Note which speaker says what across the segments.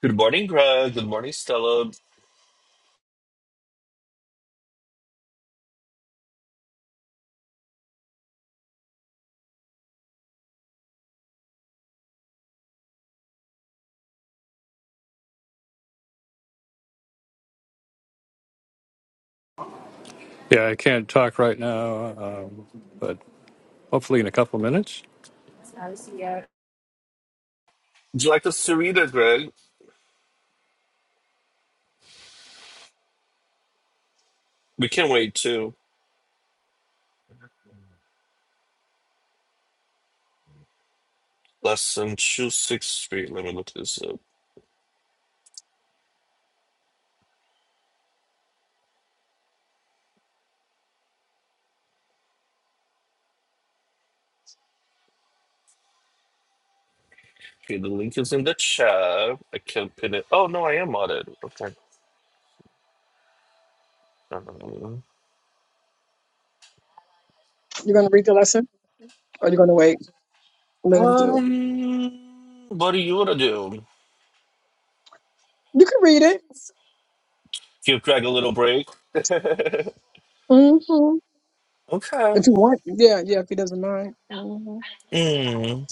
Speaker 1: Good morning, Greg. Good morning, Stella. Would
Speaker 2: Yeah, I can't talk right now, um, but hopefully in a couple minutes.
Speaker 1: you like us to read it, Greg? We can't wait to lesson 263. Let me look this up. Okay, the link is in the chat. I can't pin it. Oh, no, I am on it. Okay.
Speaker 3: You're gonna read the lesson, or you're gonna wait? and Let him do it.
Speaker 1: Um, what do you want to do?
Speaker 3: You can read it.
Speaker 1: Give Greg a little break? okay.
Speaker 3: hmm If you want, yeah, yeah. If he doesn't mind. hmm
Speaker 1: Mm.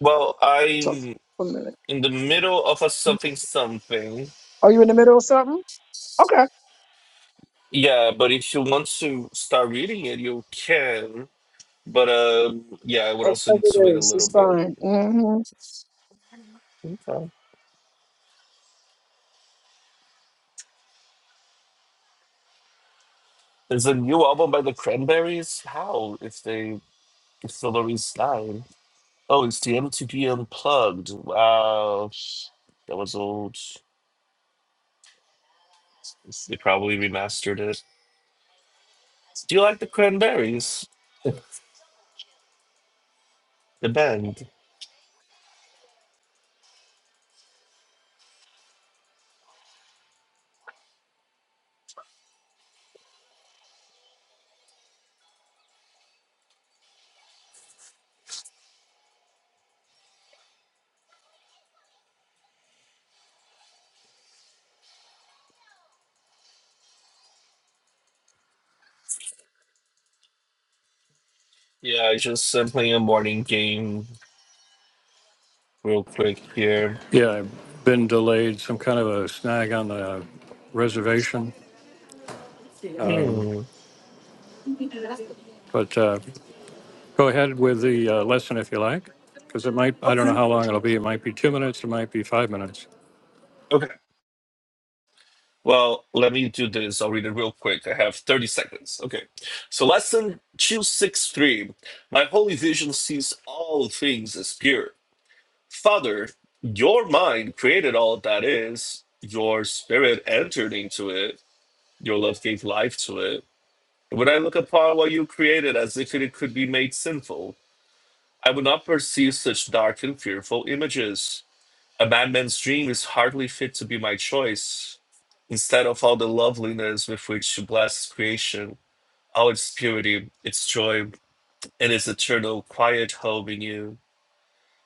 Speaker 1: Well,
Speaker 3: Talk
Speaker 1: I'm
Speaker 3: for a minute.
Speaker 1: in the middle of a something something.
Speaker 3: Are you in the middle of something? Okay.
Speaker 1: Yeah, but if you want to start reading it, you can. But um, yeah, I would
Speaker 3: Oh,
Speaker 1: also need to
Speaker 3: whatever
Speaker 1: wait
Speaker 3: it
Speaker 1: a
Speaker 3: is,
Speaker 1: little
Speaker 3: it's
Speaker 1: bit.
Speaker 3: fine. Mm-hmm.
Speaker 1: Okay. There's a new album by the Cranberries. How if they if still don't resign? Oh, it's the MTV Unplugged. Wow, that was old. They probably remastered it. Do you like the Cranberries, the band? Yeah, I just am playing a morning game real quick here.
Speaker 2: Yeah, I've been delayed, some kind of a snag on the reservation.
Speaker 1: Hmm.
Speaker 2: But uh, go ahead with the uh, lesson if you like, because it might, I don't know
Speaker 1: Okay.
Speaker 2: how long it'll be. It might be two minutes, it might be five minutes.
Speaker 1: Okay. Well, let me do this. I'll read it real quick. I have 30 seconds. Okay. So, lesson 263 My holy vision sees all things as pure. Father, your mind created all that is, your spirit entered into it, your love gave life to it. When I look upon what you created as if it could be made sinful, I would not perceive such dark and fearful images. A madman's dream is hardly fit to be my choice. Instead of all the loveliness with which you bless creation, all its purity, its joy, and its eternal quiet home in you.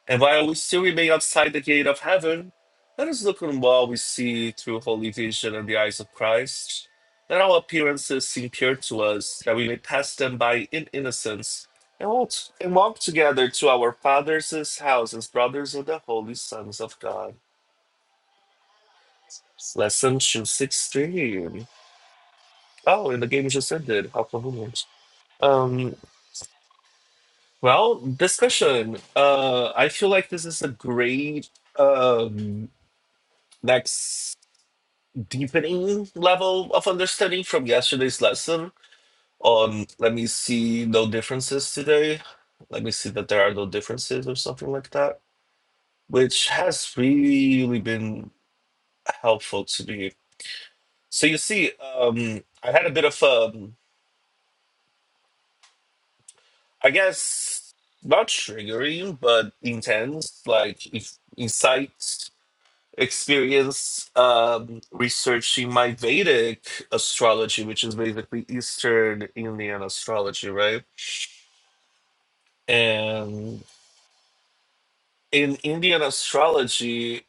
Speaker 1: And while we still remain outside the gate of heaven, let us look on what we see through holy vision and the eyes of Christ. Let all appearances seem pure to us, that we may pass them by in innocence, and walk, and walk together to our Father's house as brothers of the holy sons of God. Lesson two six three. Oh, and the game just ended. How convenient. Um. Well, discussion. Uh, I feel like this is a great um next deepening level of understanding from yesterday's lesson. On let me see no differences today. Let me see that there are no differences or something like that, which has really been helpful to me. So you see, um, I had a bit of a I guess not triggering, but intense. Like if insight, experience, um, researching my Vedic astrology, which is basically Eastern Indian astrology, right? And in Indian astrology,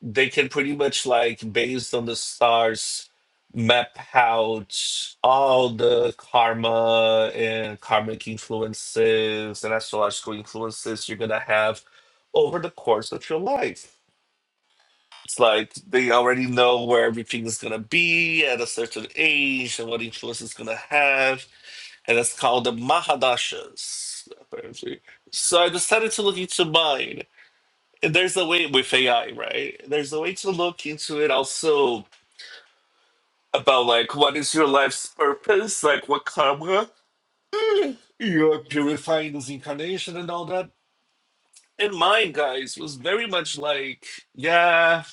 Speaker 1: they can pretty much like based on the stars map out all the karma and karmic influences and astrological influences you're gonna have over the course of your life. It's like they already know where everything is gonna be at a certain age and what influence it's gonna have, and it's called the Mahadashas, apparently. So I decided to look into mine there's a way with AI, right? There's a way to look into it also about like what is your life's purpose, like what karma eh, you're purifying this incarnation and all that. And mine, guys, was very much like, yeah,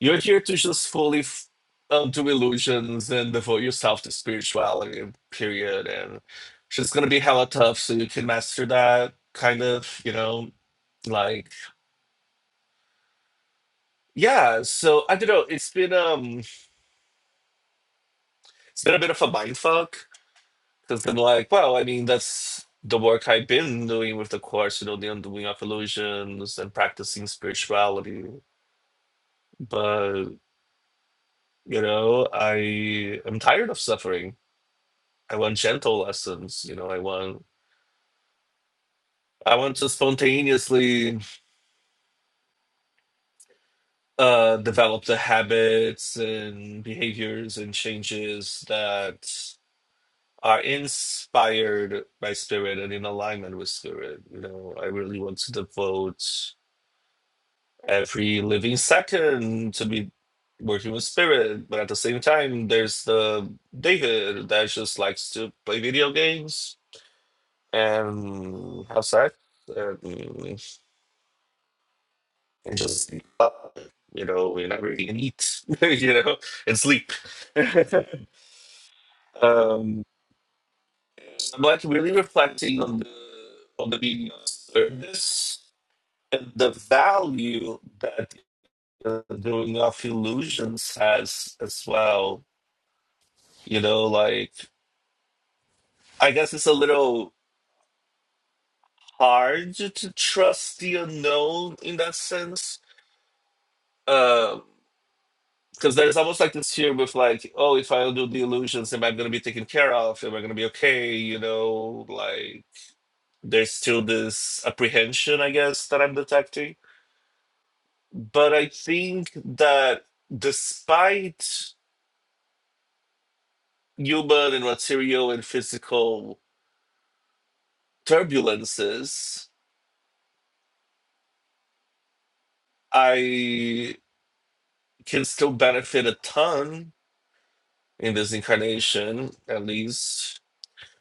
Speaker 1: you're here to just fully f- uh, do illusions and devote yourself to spirituality, period. And it's gonna be hella tough, so you can master that kind of, you know, like yeah. So I don't know. It's been um. It's been a bit of a mindfuck because I'm like, well, I mean, that's the work I've been doing with the course, you know, the undoing of illusions and practicing spirituality. But, you know, I am tired of suffering. I want gentle lessons, you know, I want I want to spontaneously uh develop the habits and behaviors and changes that are inspired by spirit and in alignment with spirit. You know, I really want to devote every living second to be working with spirit but at the same time there's the david that just likes to play video games and have sex and, and just sleep up, you know we never even eat you know and sleep um so i'm like really reflecting on the on the meaning of service and the value that uh, doing of illusions has as well You know, like I guess it's a little hard to trust the unknown in that sense. Um, because there's almost like this fear with like, oh, if I do the illusions, am I gonna be taken care of? Am I gonna be okay? You know, like there's still this apprehension, I guess, that I'm detecting. But I think that despite human and material and physical turbulences, I can still benefit a ton in this incarnation, at least,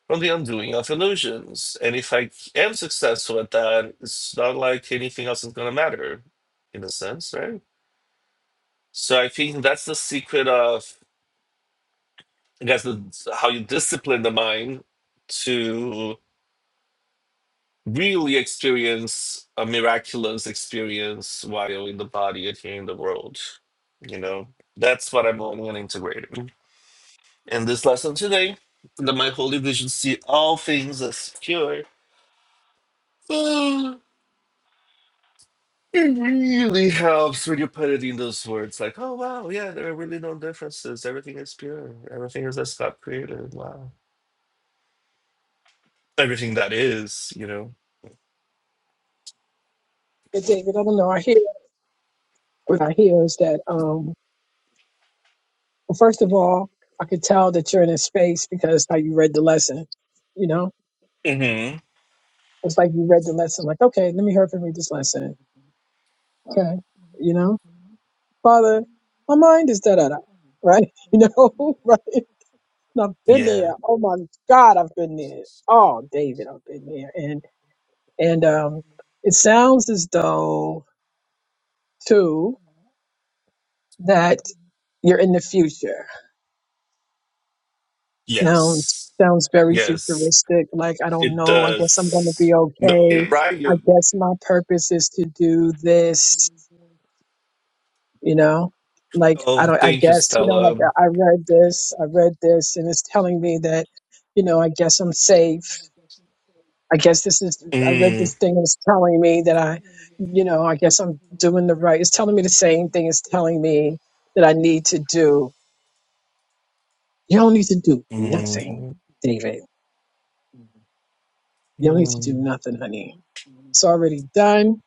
Speaker 1: from the undoing of illusions. And if I am successful at that, it's not like anything else is going to matter, in a sense, right? So I think that's the secret of, I guess, the, how you discipline the mind to really experience a miraculous experience while in the body and here in the world. You know, that's what I'm learning and integrating. In this lesson today, that my holy vision see all things as pure. Oh, it really helps when you put it in those words like, oh wow, yeah, there are really no differences. Everything is pure. Everything is as God created. Wow. Everything that is, you know.
Speaker 3: David, I don't know. I hear what I hear is that, um, well, first of all, I could tell that you're in a space because how you read the lesson. You know,
Speaker 1: hmm
Speaker 3: it's like you read the lesson, like, okay, let me hear if I read this lesson. Okay. You know, Father, my mind is da da da. Right? You know, right? I've been
Speaker 1: Yeah.
Speaker 3: there. Oh my God, I've been there. Oh, David, I've been there. And and um, it sounds as though too that you're in the future. Sounds
Speaker 1: Yes.
Speaker 3: sounds very
Speaker 1: Yes.
Speaker 3: futuristic. Like I don't
Speaker 1: It
Speaker 3: know. I guess I'm going to be
Speaker 1: does. No,
Speaker 3: okay.
Speaker 1: you're right.
Speaker 3: I
Speaker 1: You.
Speaker 3: guess my purpose is to do this. You know, like I
Speaker 1: Oh,
Speaker 3: don't. I
Speaker 1: thank you,
Speaker 3: guess you know.
Speaker 1: Stella.
Speaker 3: Like I I read this. I read this, and it's telling me that you know. I guess I'm safe. I guess this is, I read
Speaker 1: Mm.
Speaker 3: this thing, it's telling me that I, you know, I guess I'm doing the right. It's telling me the same thing. It's telling me that I need to do, you don't need to do nothing,
Speaker 1: Mm.
Speaker 3: David. You don't need to do
Speaker 1: Mm.
Speaker 3: nothing, honey. It's already done,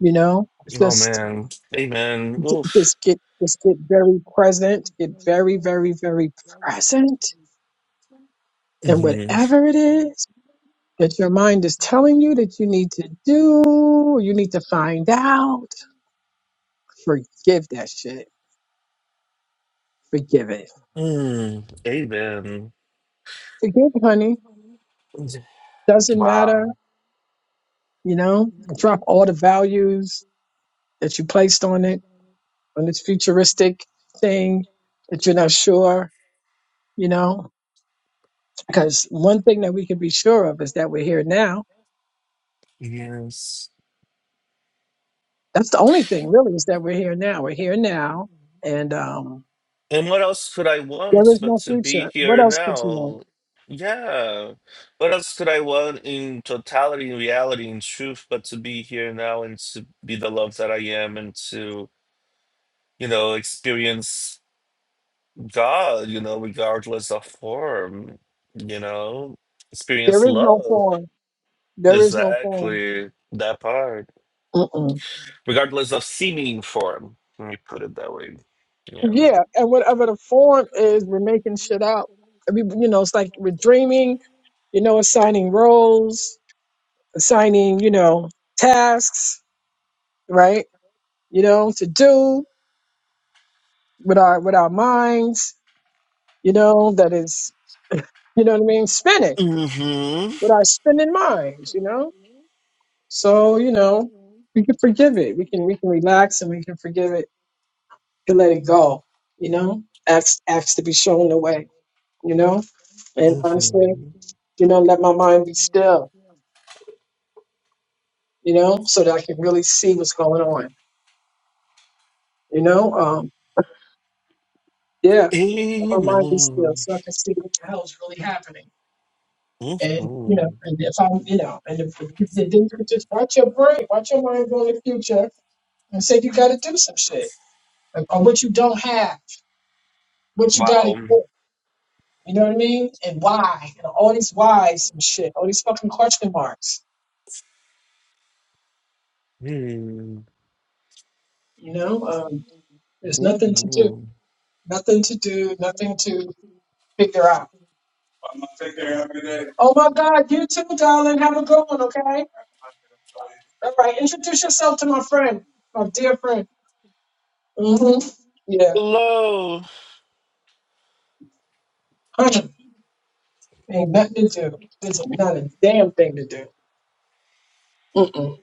Speaker 3: you know,
Speaker 1: Oh
Speaker 3: just,
Speaker 1: man. Amen. Oof.
Speaker 3: just get, just get very present, get very, very, very present. And
Speaker 1: Mhm.
Speaker 3: whatever it is that your mind is telling you that you need to do, you need to find out, forgive that shit Forgive it.
Speaker 1: Mm, amen.
Speaker 3: Forgive, honey. Doesn't matter.
Speaker 1: Wow.
Speaker 3: You know, drop all the values that you placed on it, on this futuristic thing that you're not sure, you know, because one thing that we can be sure of is that we're here now.
Speaker 1: Yes.
Speaker 3: That's the only thing really is that we're here now. We're here now. And, um,
Speaker 1: And what else could I
Speaker 3: there
Speaker 1: want
Speaker 3: is
Speaker 1: but
Speaker 3: no
Speaker 1: to be
Speaker 3: future. What
Speaker 1: here
Speaker 3: else could you want?
Speaker 1: now? Yeah. What else could I want in totality, in reality, in truth, but to be here now and to be the love that I am and to, you know, experience God, you know, regardless of form, you know,
Speaker 3: There
Speaker 1: experience
Speaker 3: is no
Speaker 1: love.
Speaker 3: form. There is no form.
Speaker 1: Exactly. That part. regardless of seeming form. Let me put it that way. Yeah.
Speaker 3: Yeah, and whatever the form is, we're making shit out. I mean, you know, it's like we're dreaming, you know, assigning roles, assigning, you know, tasks, right? You know, to do with our with our minds, you know, that is, you know what I mean, spinning
Speaker 1: hmm
Speaker 3: with our spinning minds, you know. So, you know, we can forgive it. We can we can relax and we can forgive it and let it go, you know. Acts acts to be shown the way, you know. And honestly.
Speaker 1: hmm
Speaker 3: you know, let my mind be still, you know, so that I can really see what's going on, you know, um, yeah, let my mind be still
Speaker 1: Amen.
Speaker 3: so I can see what the hell is really happening. And, you know,
Speaker 1: hmm
Speaker 3: and if I'm, you know, and if, if then you could just watch your brain, watch your mind go in the future and say you got to do some shit like, or what you don't have, what you got to
Speaker 1: Wow.
Speaker 3: do. You know what I mean? And why? And all these whys and shit, all these fucking question marks.
Speaker 1: hmm
Speaker 3: You know, um, there's nothing to do,
Speaker 1: hmm
Speaker 3: nothing to do, nothing to figure out Oh my God, you too, darling. Have a good one, okay? All right, introduce yourself to my friend, my dear friend. Mm-hmm. Yeah,
Speaker 1: Hello.
Speaker 3: honey, ain't nothing to do. There's not a damn thing to do. Mm-mm,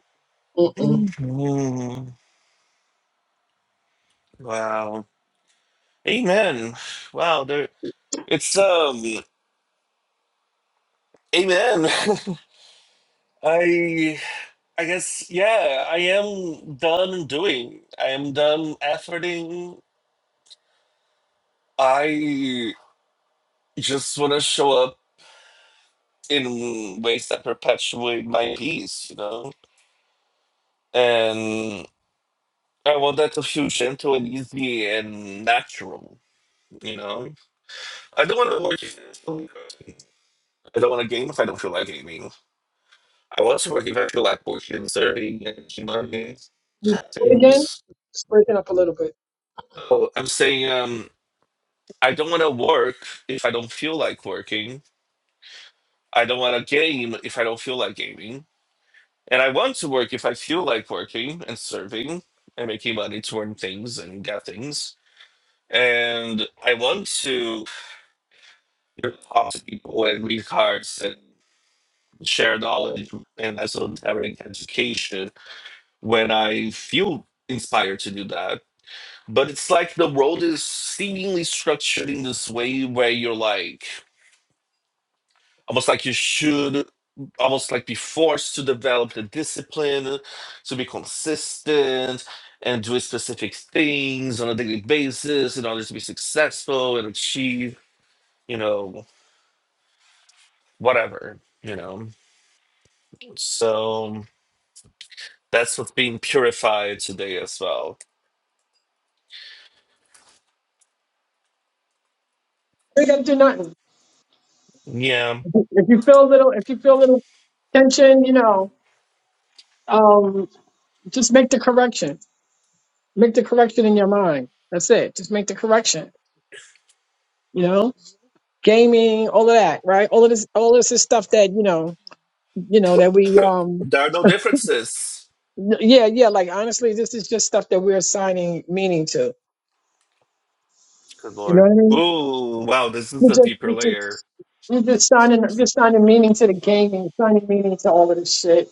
Speaker 3: mm-mm.
Speaker 1: hmm Wow. Amen. Wow. There. It's um. Amen. I I guess yeah. I am done doing. I am done efforting. I just want to show up in ways that perpetuate my peace, you know? And I want that to feel gentle and easy and natural, you know? I don't want to work in I don't want to game if I don't feel like gaming. I want to work if I feel like working, serving, and humongous
Speaker 3: You again?
Speaker 1: things.
Speaker 3: It's breaking up a little bit.
Speaker 1: Oh, I'm saying um, I don't want to work if I don't feel like working. I don't want to game if I don't feel like gaming. And I want to work if I feel like working and serving and making money to earn things and get things. And I want to talk to people and read cards and share knowledge and esoteric education when I feel inspired to do that. But it's like the world is seemingly structured in this way where you're like, almost like you should almost like be forced to develop the discipline to be consistent and do specific things on a daily basis in order to be successful and achieve, you know, whatever, you know. So that's what's being purified today as well.
Speaker 3: We gotta do nothing.
Speaker 1: Yeah.
Speaker 3: If you feel a little, if you feel a little tension, you know, um, just make the correction. Make the correction in your mind. That's it. Just make the correction. You know, gaming, all of that, right? All of this, all this is stuff that you know. you know that we um
Speaker 1: There are no differences.
Speaker 3: Yeah, yeah. Like honestly, this is just stuff that we're assigning meaning to.
Speaker 1: Good
Speaker 3: You know
Speaker 1: Lord.
Speaker 3: what I mean?
Speaker 1: Ooh, wow, this
Speaker 3: We
Speaker 1: is a
Speaker 3: just,
Speaker 1: deeper
Speaker 3: we
Speaker 1: layer.
Speaker 3: just, we just signing, we're just signing meaning to the game and signing meaning to all of this shit.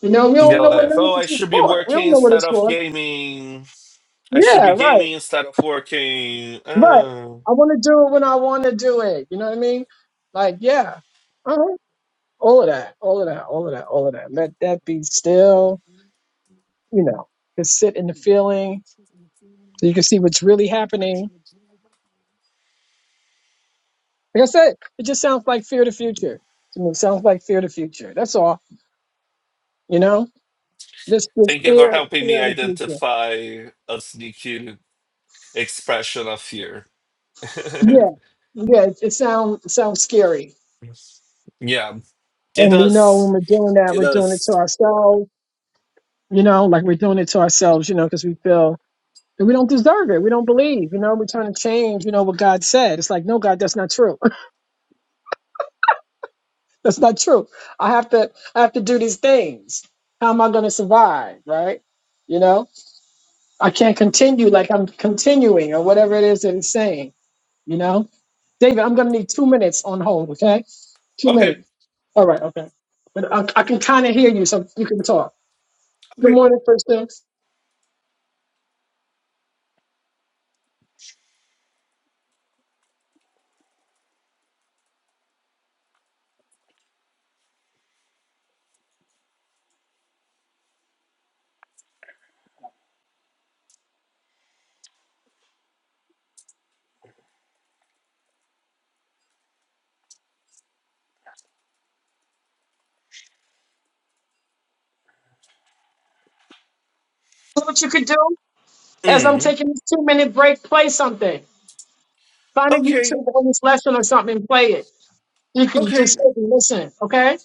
Speaker 3: You know, we don't
Speaker 1: You're
Speaker 3: know what
Speaker 1: like,
Speaker 3: none of
Speaker 1: oh, I
Speaker 3: this is
Speaker 1: should be
Speaker 3: for. We don't
Speaker 1: working
Speaker 3: know what
Speaker 1: instead
Speaker 3: it's
Speaker 1: of
Speaker 3: for.
Speaker 1: gaming. I should
Speaker 3: Yeah,
Speaker 1: be
Speaker 3: right.
Speaker 1: gaming instead of working.
Speaker 3: But
Speaker 1: Oh.
Speaker 3: I want to do it when I want to do it. You know what I mean? Like, yeah, uh-huh. all of that, all of that, all of that, all of that. Let that be still. You know, just sit in the feeling so you can see what's really happening Like I said, it just sounds like fear of the future. To me, it sounds like fear of the future. That's all. You know, just just
Speaker 1: Thank you for
Speaker 3: fear
Speaker 1: helping
Speaker 3: fear
Speaker 1: me
Speaker 3: of the future.
Speaker 1: identify a sneaky expression of fear.
Speaker 3: Yeah, yeah. It, it sounds it sounds scary,
Speaker 1: yeah, it
Speaker 3: and we know when
Speaker 1: does.
Speaker 3: we're doing that,
Speaker 1: It
Speaker 3: we're doing it to
Speaker 1: does.
Speaker 3: ourselves. You know, like we're doing it to ourselves. You know, because we feel that we don't deserve it. We don't believe. You know, we're trying to change. You know what God said. It's like, no, God, that's not true. that's not true. I have to I have to do these things. How am I going to survive? Right? You know. I can't continue like I'm continuing or whatever it is that it's saying, you know? David, I'm going to need two minutes on hold, okay? Two
Speaker 1: Okay.
Speaker 3: minutes. All right, okay. But I, I can kind of hear you, so you can talk. Good morning, first things. You know what you could do? As I'm
Speaker 1: Mm.
Speaker 3: taking this two minute break, play something. Find a
Speaker 1: Okay.
Speaker 3: YouTube on this lesson or something and play it. You can just
Speaker 1: Okay.
Speaker 3: sit and listen, okay?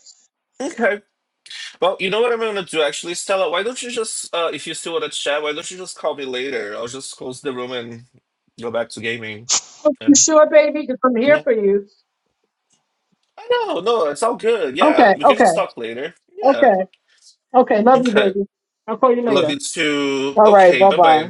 Speaker 1: Okay. Well, you know what I'm gonna do actually, Stella. Why don't you just, uh, if you still wanna chat, why don't you just call me later? I'll just close the room and go back to gaming.
Speaker 3: You
Speaker 1: And
Speaker 3: sure, baby? Because I'm here
Speaker 1: yeah.
Speaker 3: for you.
Speaker 1: I know. No, it's all good. Yeah,
Speaker 3: Okay,
Speaker 1: we can
Speaker 3: okay,
Speaker 1: just talk later. Yeah.
Speaker 3: okay, okay. Love you,
Speaker 1: Okay.
Speaker 3: baby. I'll call you
Speaker 1: Love
Speaker 3: later.
Speaker 1: you too.
Speaker 3: All right,
Speaker 1: Okay.
Speaker 3: bye
Speaker 1: Bye
Speaker 3: bye.
Speaker 1: bye.